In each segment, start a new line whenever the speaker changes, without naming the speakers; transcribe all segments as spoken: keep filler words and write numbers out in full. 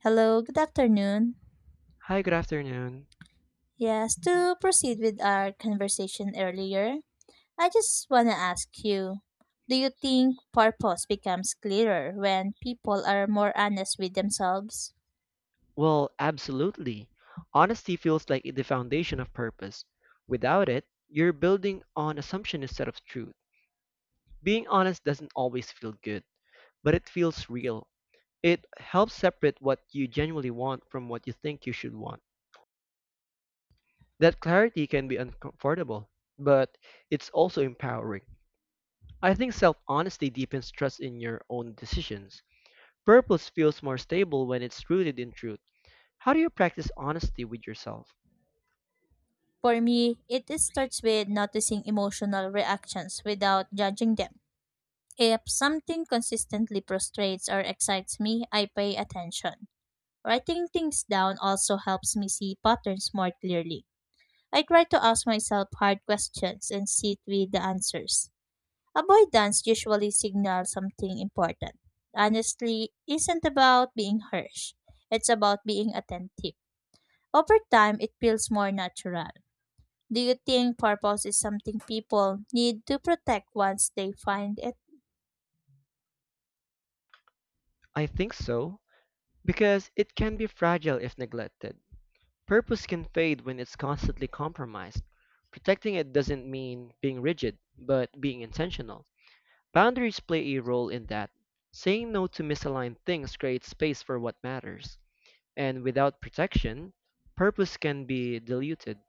Hello, good afternoon.
Hi, good afternoon.
Yes, to proceed with our conversation earlier, I just want to ask you, do you think purpose becomes clearer when people are more honest with themselves?
Well, absolutely. Honesty feels like the foundation of purpose. Without it, you're building on assumption instead of truth. Being honest doesn't always feel good, but it feels real. It helps separate what you genuinely want from what you think you should want. That clarity can be uncomfortable, but it's also empowering. I think self honesty deepens trust in your own decisions. Purpose feels more stable when it's rooted in truth. How do you practice honesty with yourself?
For me, it is- starts with noticing emotional reactions without judging them. If something consistently frustrates or excites me, I pay attention. Writing things down also helps me see patterns more clearly. I try to ask myself hard questions and sit with the answers. Avoidance usually signals something important. Honestly isn't about being harsh. It's about being attentive. Over time, it feels more natural. Do you think purpose is something people need to protect once they find it?
I think so, because it can be fragile if neglected. Purpose can fade when it's constantly compromised. Protecting it doesn't mean being rigid, but being intentional. Boundaries play a role in that. Saying no to misaligned things creates space for what matters. And without protection, purpose can be diluted.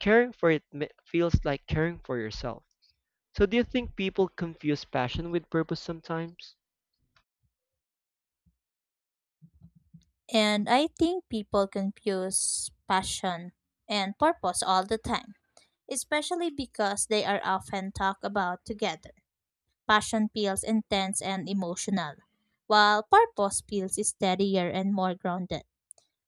Caring for it mi- feels like caring for yourself. So, do you think people confuse passion with purpose sometimes?
And I think people confuse passion and purpose all the time, especially because they are often talked about together. Passion feels intense and emotional, while purpose feels steadier and more grounded.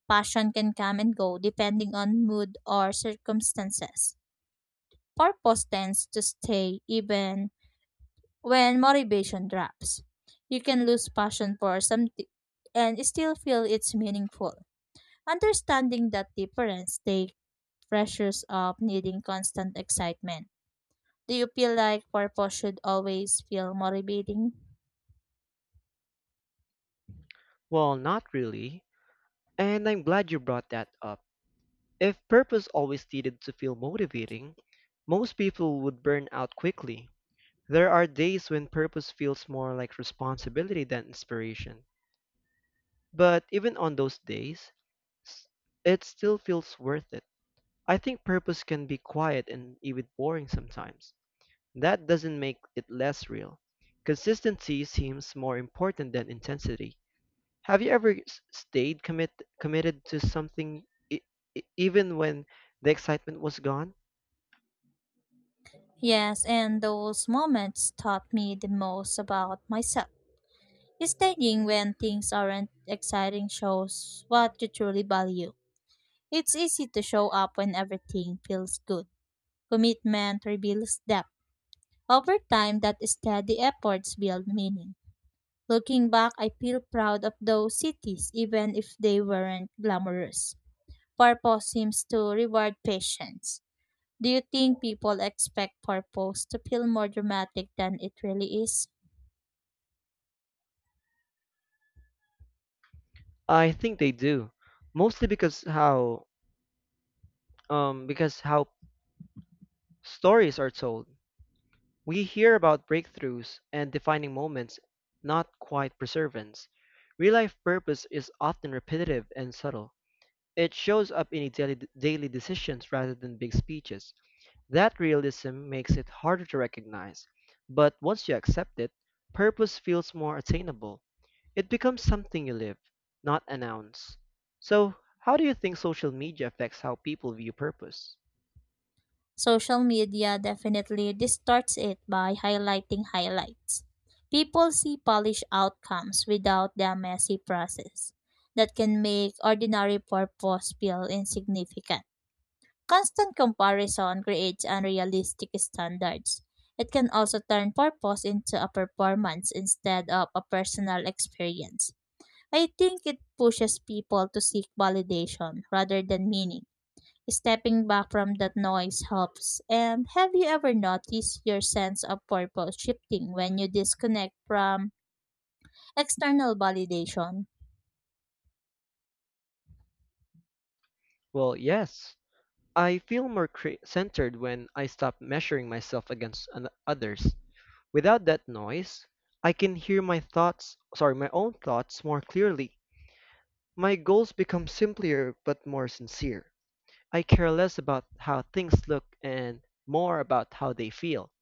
Passion can come and go depending on mood or circumstances. Purpose tends to stay even when motivation drops. You can lose passion for something and still feel it's meaningful. Understanding that difference takes pressures of needing constant excitement. Do you feel like purpose should always feel motivating?
Well, not really. And I'm glad you brought that up. If purpose always needed to feel motivating, most people would burn out quickly. There are days when purpose feels more like responsibility than inspiration. But even on those days, s- it still feels worth it. I think purpose can be quiet and even boring sometimes. That doesn't make it less real. Consistency seems more important than intensity. Have you ever s- stayed commit committed to something e- e- even when the excitement was gone?
Yes, and those moments taught me the most about myself. Staying when things aren't exciting shows what you truly value. It's easy to show up when everything feels good. Commitment reveals depth. Over time, that steady efforts build meaning. Looking back, I feel proud of those cities, even if they weren't glamorous. Purpose seems to reward patience. Do you think people expect purpose to feel more dramatic than it really is?
I think they do, mostly because how um because how stories are told. We hear about breakthroughs and defining moments, not quite perseverance. Real life purpose is often repetitive and subtle. It shows up in daily daily decisions rather than big speeches. That realism makes it harder to recognize, but once you accept it, purpose feels more attainable. It becomes something you live, not announce. So, how do you think social media affects how people view purpose?
Social media definitely distorts it by highlighting highlights. People see polished outcomes without the messy process that can make ordinary purpose feel insignificant. Constant comparison creates unrealistic standards. It can also turn purpose into a performance instead of a personal experience. I think it pushes people to seek validation rather than meaning. Stepping back from that noise helps. And have you ever noticed your sense of purpose shifting when you disconnect from external validation?
Well, yes. I feel more cre- centered when I stop measuring myself against an- others. Without that noise, I can hear my thoughts, sorry, my own thoughts more clearly. My goals become simpler but more sincere. I care less about how things look and more about how they feel.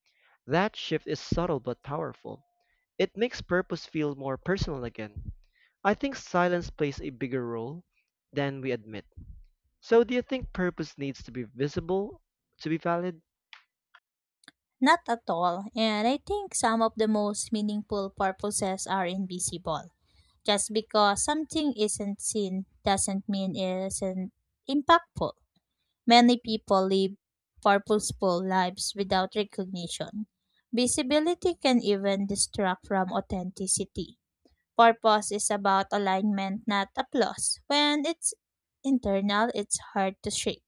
That shift is subtle but powerful. It makes purpose feel more personal again. I think silence plays a bigger role than we admit. So, do you think purpose needs to be visible to be valid?
Not at all. And I think some of the most meaningful purposes are invisible. Just because something isn't seen doesn't mean it isn't impactful. Many people live purposeful lives without recognition. Visibility can even distract from authenticity. Purpose is about alignment, not applause. When it's internal, it's hard to shake.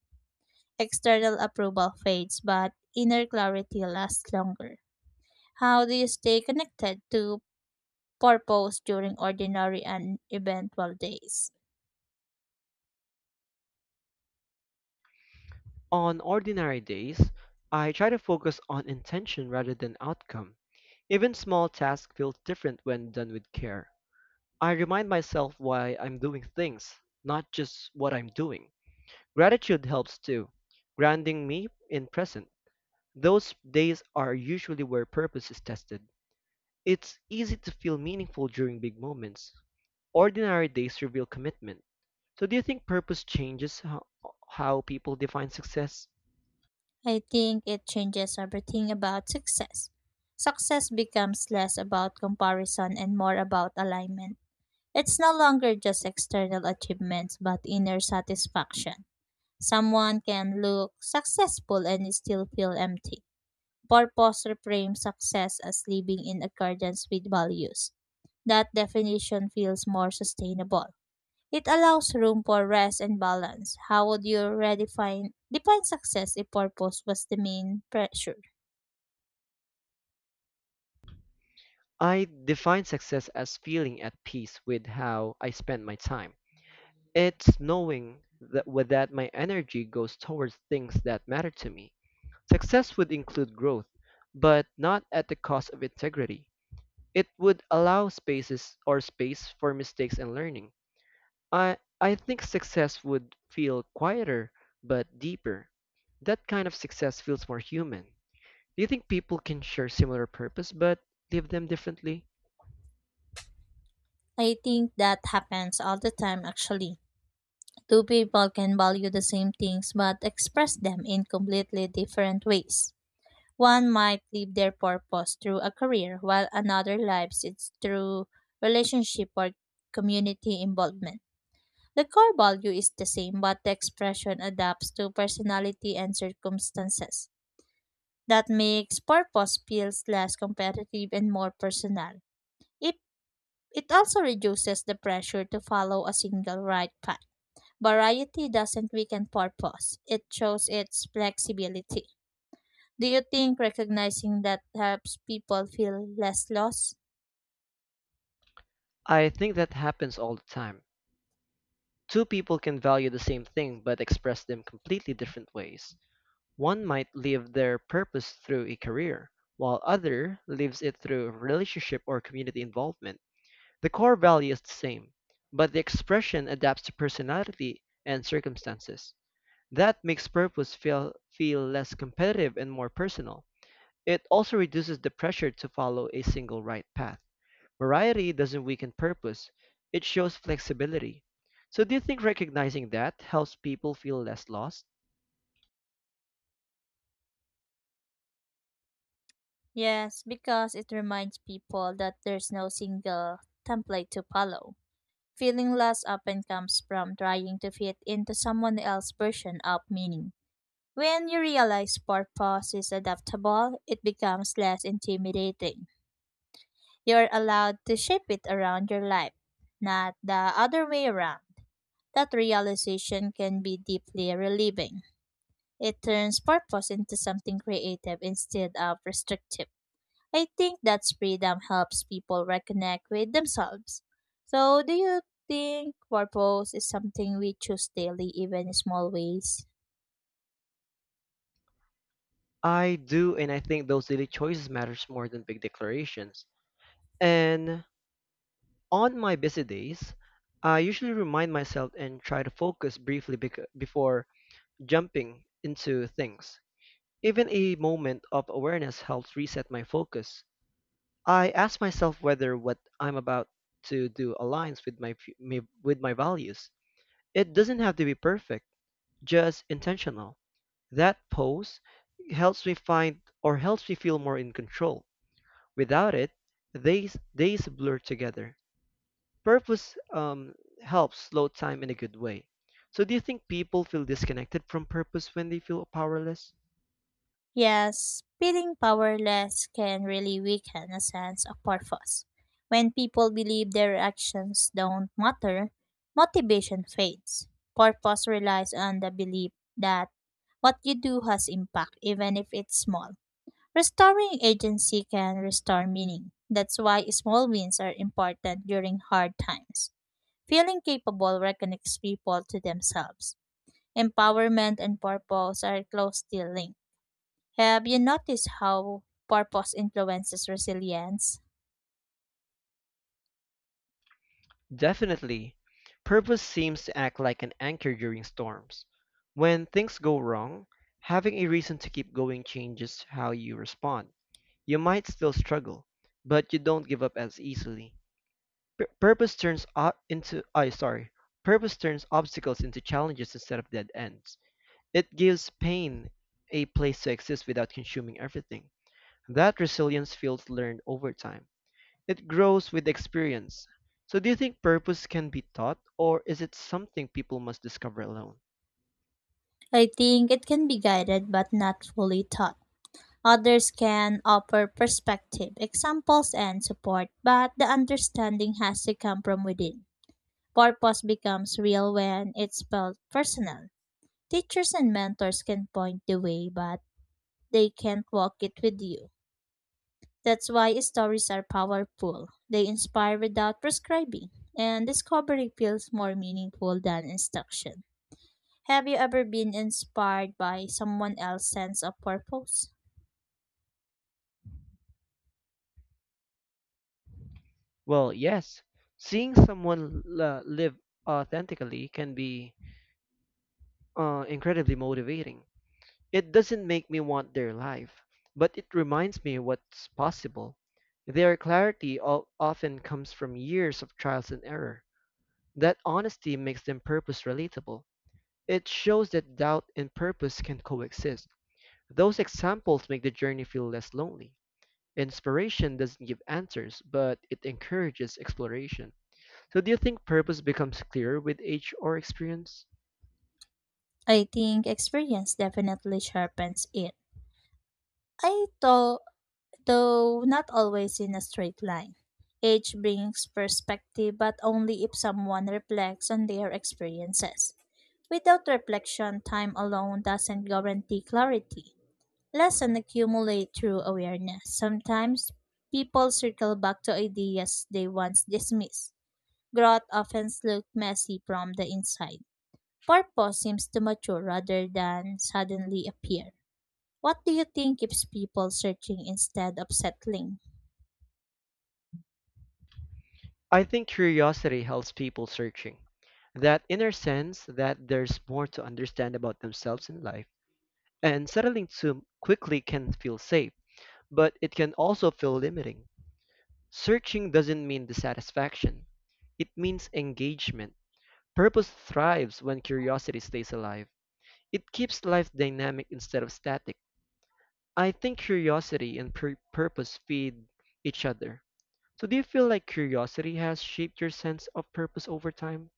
External approval fades, but inner clarity lasts longer. How do you stay connected to purpose during ordinary and eventful days?
On ordinary days, I try to focus on intention rather than outcome. Even small tasks feel different when done with care. I remind myself why I'm doing things, not just what I'm doing. Gratitude helps too, grounding me in present. Those days are usually where purpose is tested. It's easy to feel meaningful during big moments. Ordinary days reveal commitment. So, do you think purpose changes how, how people define success?
I think it changes everything about success. Success becomes less about comparison and more about alignment. It's no longer just external achievements but inner satisfaction. Someone can look successful and still feel empty. Purpose reframes success as living in accordance with values. That definition feels more sustainable. It allows room for rest and balance. How would you redefine define success if purpose was the main pressure?
I define success as feeling at peace with how I spend my time. It's knowing that with that my energy goes towards things that matter to me. Success would include growth, but not at the cost of integrity. It would allow spaces or space for mistakes and learning. I, I think success would feel quieter but deeper. That kind of success feels more human. Do you think people can share similar purpose but live them differently?
I think that happens all the time actually. Two people can value the same things but express them in completely different ways. One might live their purpose through a career while another lives it through relationship or community involvement. The core value is the same but the expression adapts to personality and circumstances. That makes purpose feels less competitive and more personal. It, it also reduces the pressure to follow a single right path. Variety doesn't weaken purpose, it shows its flexibility. Do you think recognizing that helps people feel less lost?
I think that happens all the time. Two people can value the same thing but express them completely different ways. One might live their purpose through a career, while other lives it through relationship or community involvement. The core value is the same, but the expression adapts to personality and circumstances. That makes purpose feel, feel less competitive and more personal. It also reduces the pressure to follow a single right path. Variety doesn't weaken purpose, it shows flexibility. So, do you think recognizing that helps people feel less lost?
Yes, because it reminds people that there's no single template to follow. Feeling lost often comes from trying to fit into someone else's version of meaning. When you realize purpose is adaptable, it becomes less intimidating. You're allowed to shape it around your life, not the other way around. That realization can be deeply relieving. It turns purpose into something creative instead of restrictive. I think that freedom helps people reconnect with themselves. So, do you think purpose is something we choose daily, even in small ways?
I do, and I think those daily choices matters more than big declarations. And On my busy days, I usually remind myself and try to focus briefly bec- before jumping into things. Even a moment of awareness helps reset my focus. I ask myself whether what I'm about to do aligns with my, fu- my with my values. It doesn't have to be perfect, just intentional. That pose helps me find or helps me feel more in control. Without it, days days blur together. Purpose um, helps slow time in a good way. So, do you think people feel disconnected from purpose when they feel powerless?
Yes, feeling powerless can really weaken a sense of purpose. When people believe their actions don't matter, motivation fades. Purpose relies on the belief that what you do has impact, even if it's small. Restoring agency can restore meaning. That's why small wins are important during hard times. Feeling capable reconnects people to themselves. Empowerment and purpose are closely linked. Have you noticed how purpose influences resilience?
Definitely. Purpose seems to act like an anchor during storms. When things go wrong, having a reason to keep going changes how you respond. You might still struggle, but you don't give up as easily. Pur- purpose turns o- into I sorry. Purpose turns obstacles into challenges instead of dead ends. It gives pain a place to exist without consuming everything. That resilience feels learned over time. It grows with experience. So, do you think purpose can be taught, or is it something people must discover alone?
I think it can be guided but not fully taught. Others can offer perspective, examples, and support, but the understanding has to come from within. Purpose becomes real when it's felt personal. Teachers and mentors can point the way, but they can't walk it with you. That's why stories are powerful. They inspire without prescribing, and discovery feels more meaningful than instruction. Have you ever been inspired by someone else's sense of purpose?
Well, yes. Seeing someone l- uh, live authentically can be uh, incredibly motivating. It doesn't make me want their life, but it reminds me what's possible. Their clarity o- often comes from years of trials and error. That honesty makes them purpose relatable. It shows that doubt and purpose can coexist. Those examples make the journey feel less lonely. Inspiration doesn't give answers, but it encourages exploration. So, do you think purpose becomes clearer with age or experience?
I think experience definitely sharpens it. I thought, though not always in a straight line. Age brings perspective, but only if someone reflects on their experiences. Without reflection, time alone doesn't guarantee clarity. Lessons accumulate through awareness. Sometimes people circle back to ideas they once dismissed. Growth often looks messy from the inside. Purpose seems to mature rather than suddenly appear. What do you think keeps people searching instead of settling?
I think curiosity helps people searching. That inner sense that there's more to understand about themselves in life. And settling too quickly can feel safe, but it can also feel limiting. Searching doesn't mean dissatisfaction, it means engagement. Purpose thrives when curiosity stays alive. It keeps life dynamic instead of static. I think curiosity and pur- purpose feed each other. So, do you feel like curiosity has shaped your sense of purpose over time?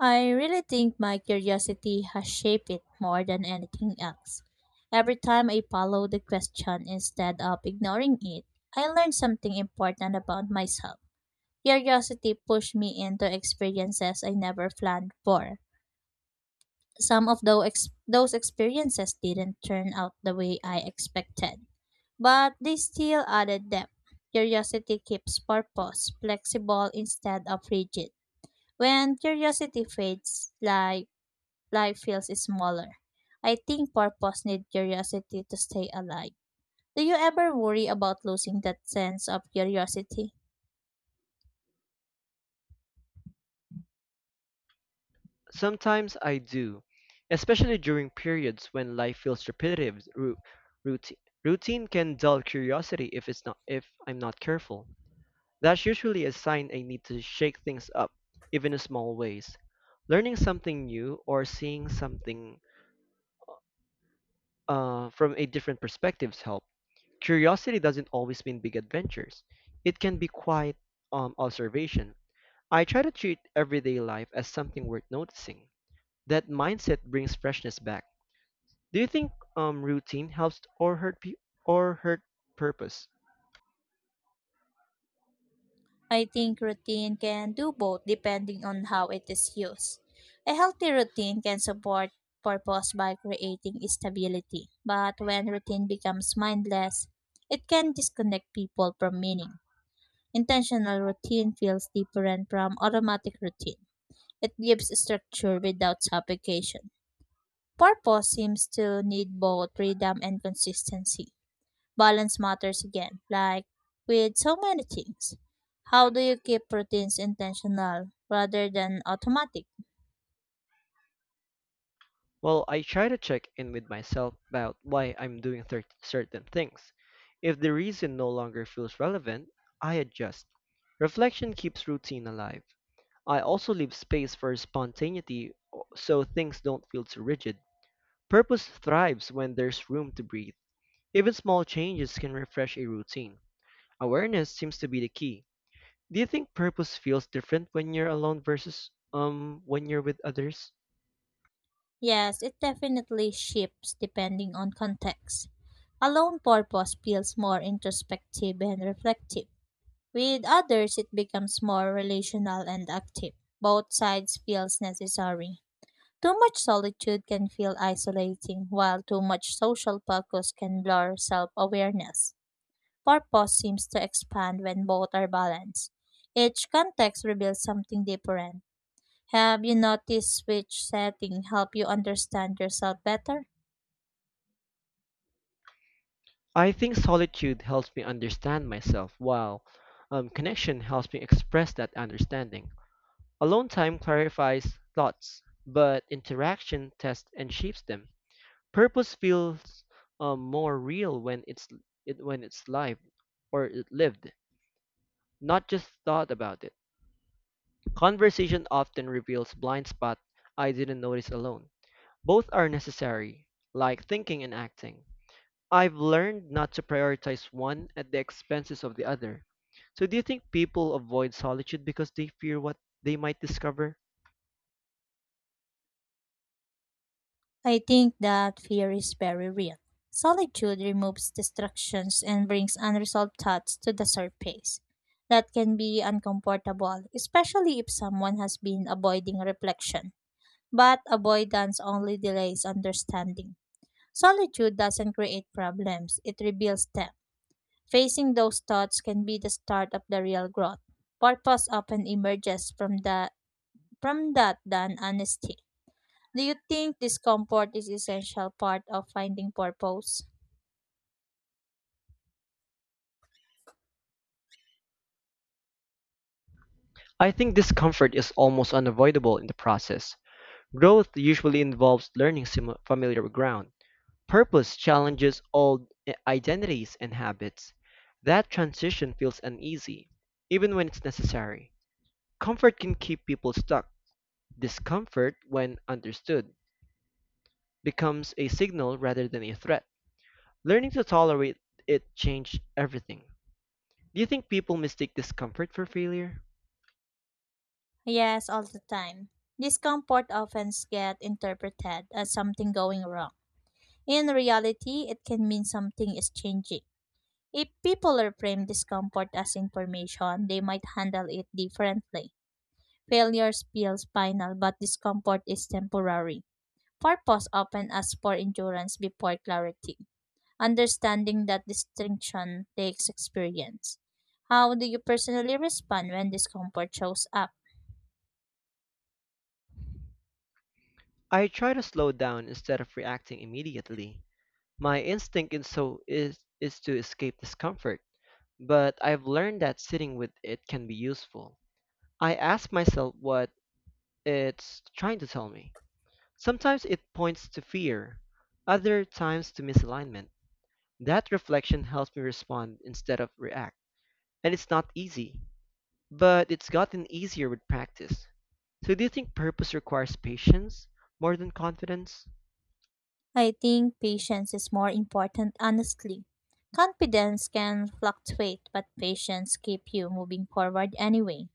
I really think my curiosity has shaped it more than anything else. Every time I follow the question instead of ignoring it, I learn something important about myself. Curiosity pushed me into experiences I never planned for. Some of those, ex- those experiences didn't turn out the way I expected, but they still added depth. Curiosity keeps purpose flexible instead of rigid. When curiosity fades, life, life feels smaller. I think purpose needs curiosity to stay alive. Do you ever worry about losing that sense of curiosity?
Sometimes I do, especially during periods when life feels repetitive. Routine, routine can dull curiosity if it's not if I'm not careful. That's usually a sign I need to shake things up, even in small ways. Learning something new or seeing something uh, from a different perspectives help. Curiosity doesn't always mean big adventures. It can be quiet um, observation. I try to treat everyday life as something worth noticing. That mindset brings freshness back. Do you think um, routine helps or hurt pe- or hurt purpose?
I think routine can do both depending on how it is used. A healthy routine can support purpose by creating stability, but when routine becomes mindless, it can disconnect people from meaning. Intentional routine feels different from automatic routine. It gives structure without suffocation. Purpose seems to need both freedom and consistency balance matters again, like with so many things. How do you keep routines intentional rather than automatic?
Well, I try to check in with myself about why I'm doing thir- certain things. If the reason no longer feels relevant, I adjust. Reflection keeps routine alive. I also leave space for spontaneity o- so things don't feel too rigid. Purpose thrives when there's room to breathe. Even small changes can refresh a routine. Awareness seems to be the key. Do you think purpose feels different when you're alone versus um when you're with others?
Yes, it definitely shifts depending on context. Alone purpose feels more introspective and reflective. With others, it becomes more relational and active. Both sides feels necessary. Too much solitude can feel isolating, while too much social focus can blur self-awareness. Purpose seems to expand when both are balanced. Each context reveals something different. Have you noticed which setting help you understand yourself better?
I think solitude helps me understand myself, while um, connection helps me express that understanding. Alone time clarifies thoughts, but interaction tests and shapes them. Purpose feels um, more real when it's it, when it's live or it lived, not just thought about it. Conversation often reveals blind spots I didn't notice alone. Both are necessary, like thinking and acting. I've learned not to prioritize one at the expenses of the other. So, do you think people avoid solitude because they fear what they might discover?
I think that fear is very real. Solitude removes distractions and brings unresolved thoughts to the surface. That can be uncomfortable, especially if someone has been avoiding reflection. But avoidance only delays understanding. Solitude doesn't create problems, it reveals them. Facing those thoughts can be the start of the real growth. Purpose often emerges from that from that than honesty. Do you think discomfort is essential part of finding purpose?
I think discomfort is almost unavoidable in the process. Growth usually involves learning simi- familiar ground. Purpose challenges old i- identities and habits. That transition feels uneasy, even when it's necessary. Comfort can keep people stuck. Discomfort, when understood, becomes a signal rather than a threat. Learning to tolerate it changed everything. Do you think people mistake discomfort for failure?
Yes, all the time. Discomfort often gets interpreted as something going wrong. In reality, it can mean something is changing. If people reframe discomfort as information, they might handle it differently. Failures feels final, but discomfort is temporary. Purpose often asks for endurance before clarity. Understanding that distinction takes experience. How do you personally respond when discomfort shows up?
I try to slow down instead of reacting immediately. My instinct in so is is to escape discomfort, but I've learned that sitting with it can be useful. I ask myself what it's trying to tell me. Sometimes it points to fear, other times to misalignment. That reflection helps me respond instead of react. And it's not easy, but it's gotten easier with practice. So, do you think purpose requires patience more than confidence?
I think patience is more important, honestly. Confidence can fluctuate, but patience keeps you moving forward anyway.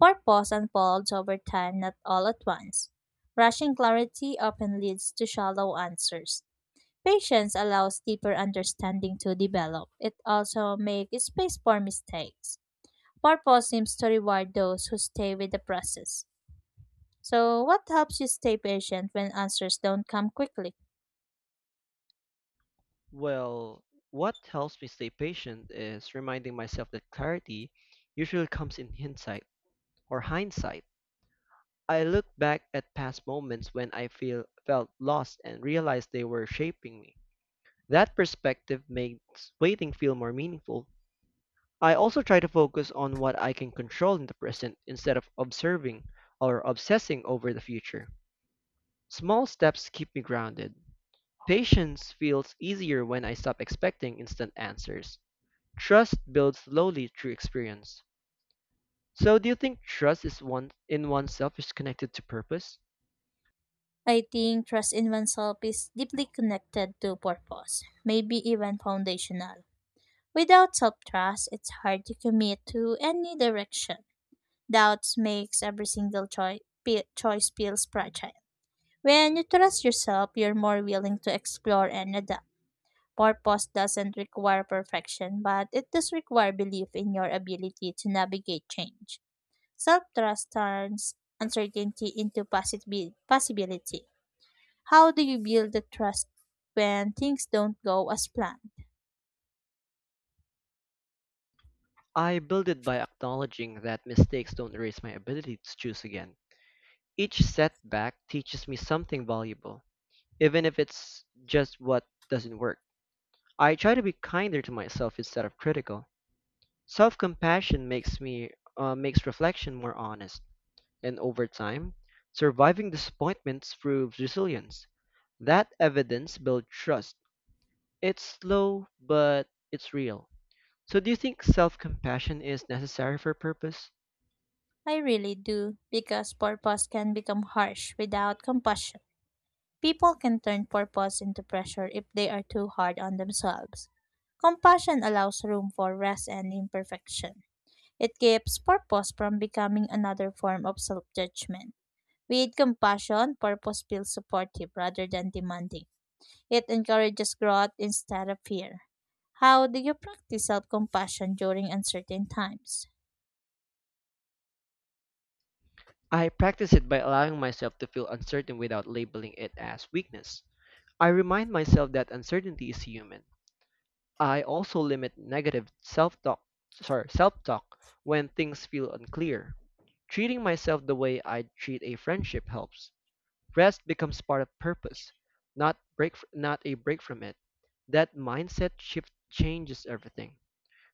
Purpose unfolds over time, not all at once. Rushing clarity often leads to shallow answers. Patience allows deeper understanding to develop. It also makes space for mistakes. Purpose seems to reward those who stay with the process. So, what helps you stay patient when answers don't come quickly?
Well, what helps me stay patient is reminding myself that clarity usually comes in hindsight or hindsight. I look back at past moments when I feel felt lost and realize they were shaping me. That perspective makes waiting feel more meaningful. I also try to focus on what I can control in the present instead of observing or obsessing over the future. Small steps keep me grounded. Patience feels easier when I stop expecting instant answers. Trust builds slowly through experience. So, do you think trust is one in oneself is connected to purpose?
I think trust in oneself is deeply connected to purpose, maybe even foundational. Without self trust, it's hard to commit to any direction. Doubts makes every single choi- pe- choice feels fragile. When you trust yourself, you're more willing to explore and adapt. Purpose doesn't require perfection, but it does require belief in your ability to navigate change. Self trust turns uncertainty into possibi- possibility. How do you build the trust when things don't go as planned?
I build it by acknowledging that mistakes don't erase my ability to choose again. Each setback teaches me something valuable, even if it's just what doesn't work. I try to be kinder to myself instead of critical. Self-compassion makes me uh, makes reflection more honest. And over time, surviving disappointments proves resilience. That evidence builds trust. It's slow, but it's real. So, do you think self compassion is necessary for purpose?
I really do, because purpose can become harsh without compassion. People can turn purpose into pressure if they are too hard on themselves. Compassion allows room for rest and imperfection. It keeps purpose from becoming another form of self judgment. With compassion, purpose feels supportive rather than demanding. It encourages growth instead of fear. How do you practice self compassion during uncertain times?
I practice it by allowing myself to feel uncertain without labeling it as weakness. I remind myself that uncertainty is human. I also limit negative self talk sorry, self talk when things feel unclear. Treating myself the way I treat a friendship helps. Rest becomes part of purpose, not break f- not a break from it. That mindset shift changes everything.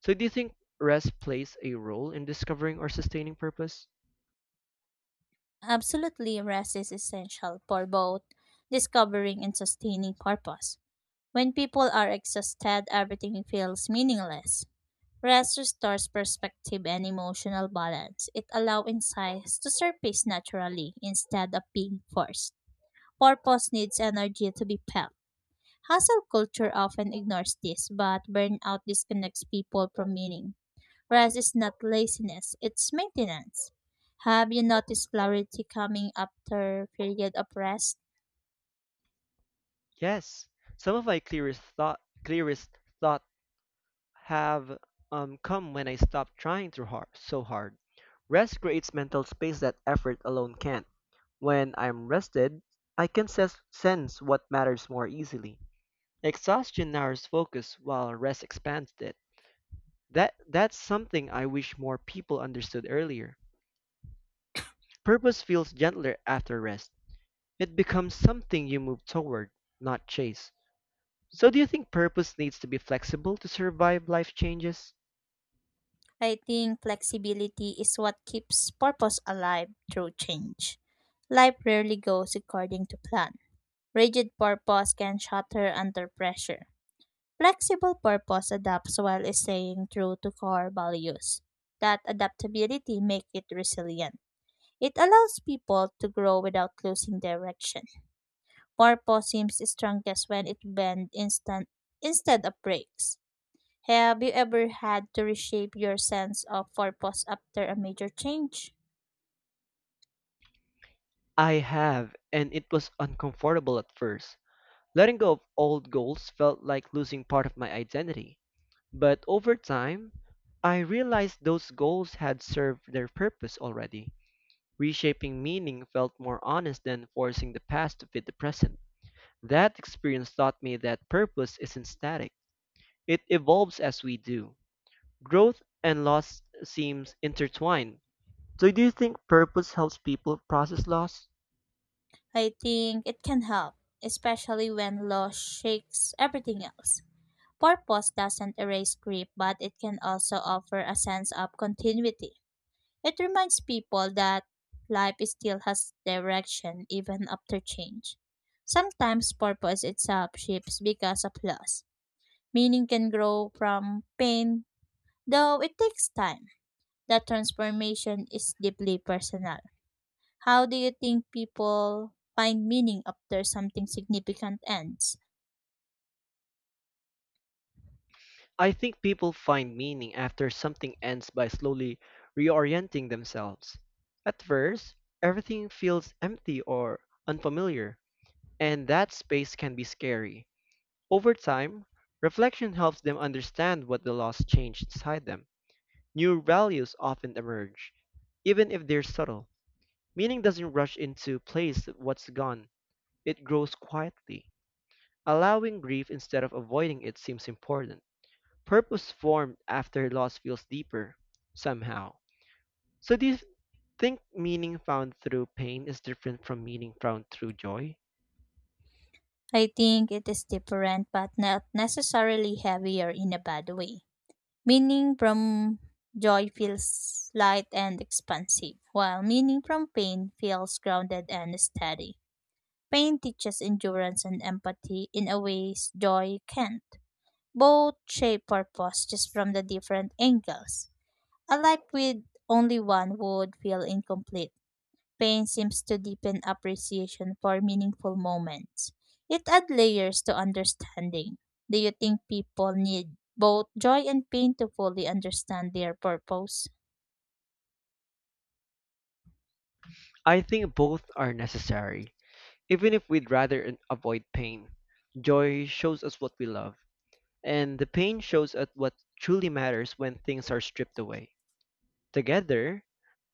So do you think rest plays a role in discovering or sustaining purpose?
Absolutely, rest is essential for both discovering and sustaining purpose. When people are exhausted, everything feels meaningless. Rest restores perspective and emotional balance. It allows insights to surface naturally instead of being forced. Purpose needs energy to be felt. Hustle culture often ignores this, but burnout disconnects people from meaning. Rest is not laziness, it's maintenance. Have you noticed clarity coming after period of rest?
Yes. Some of my clearest thought clearest thought have um, come when I stopped trying too hard, so hard. Rest creates mental space that effort alone can't. When I'm rested, I can ses- sense what matters more easily. Exhaustion narrows focus while rest expands it. That that's something I wish more people understood earlier. Purpose feels gentler after rest. It becomes something you move toward, not chase. So do you think purpose needs to be flexible to survive life changes?
I think flexibility is what keeps purpose alive through change. Life rarely goes according to plan. Rigid purpose can shatter under pressure. Flexible purpose adapts while staying true to core values. That adaptability makes it resilient. It allows people to grow without losing direction. Purpose seems strongest when it bends instant instead of breaks. Have you ever had to reshape your sense of purpose after a major change?
I have, and it was uncomfortable at first. Letting go of old goals felt like losing part of my identity. But over time, I realized those goals had served their purpose already. Reshaping meaning felt more honest than forcing the past to fit the present. That experience taught me that purpose isn't static. It evolves as we do. Growth and loss seems intertwined. So do you think purpose helps people process loss?
I think it can help, especially when loss shakes everything else. Purpose doesn't erase grief, but it can also offer a sense of continuity. It reminds people that life still has direction even after change. Sometimes purpose itself shifts because of loss. Meaning can grow from pain, though it takes time. That transformation is deeply personal. How do you think people find meaning after something significant ends?
I think people find meaning after something ends by slowly reorienting themselves. At first, everything feels empty or unfamiliar, and that space can be scary. Over time, reflection helps them understand what the loss changed inside them. New values often emerge, even if they're subtle. Meaning doesn't rush into place what's gone, it grows quietly. Allowing grief instead of avoiding it seems important. Purpose formed after loss feels deeper, somehow. So, do you think meaning found through pain is different from meaning found through joy?
I think it is different, but not necessarily heavier in a bad way. Meaning from joy feels light and expansive, while meaning from pain feels grounded and steady. Pain teaches endurance and empathy in a ways joy can't. Both shape purpose just from the different angles. A life with only one would feel incomplete. Pain seems to deepen appreciation for meaningful moments. It adds layers to understanding. Do you think people need both joy and pain to fully understand their purpose?
I think both are necessary, even if we'd rather an- avoid pain. Joy shows us what we love, and the pain shows at what truly matters when things are stripped away. Together,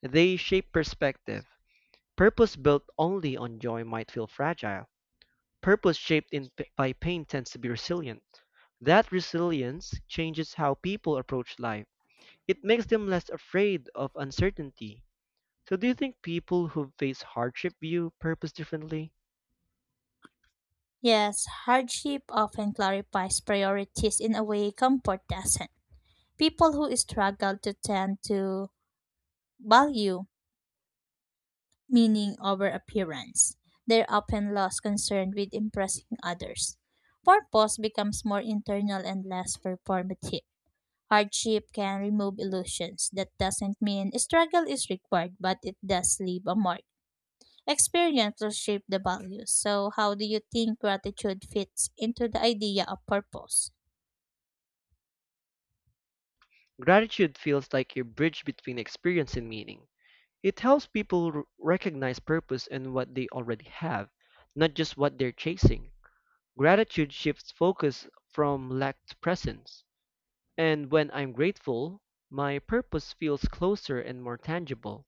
they shape perspective. Purpose built only on joy might feel fragile. Purpose shaped in, by pain tends to be resilient. That resilience changes how people approach life. It makes them less afraid of uncertainty. So, do you think people who face hardship view purpose differently?
Yes, hardship often clarifies priorities in a way comfort doesn't. People who struggle to tend to value meaning over appearance. They're often lost concern with impressing others. Purpose becomes more internal and less performative. Hardship can remove illusions. That doesn't mean struggle is required, but it does leave a mark. Experience will shape the values. So, how do you think gratitude fits into the idea of purpose?
Gratitude feels like a bridge between experience and meaning. It helps people r- recognize purpose in what they already have, not just what they're chasing. Gratitude shifts focus from lack to presence. And when I'm grateful, my purpose feels closer and more tangible.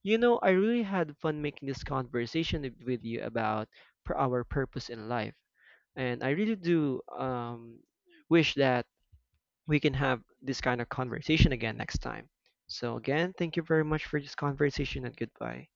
You know, I really had fun making this conversation with with you about pur- our purpose in life. And I really do um, wish that we can have this kind of conversation again next time. So, again, thank you very much for this conversation and goodbye.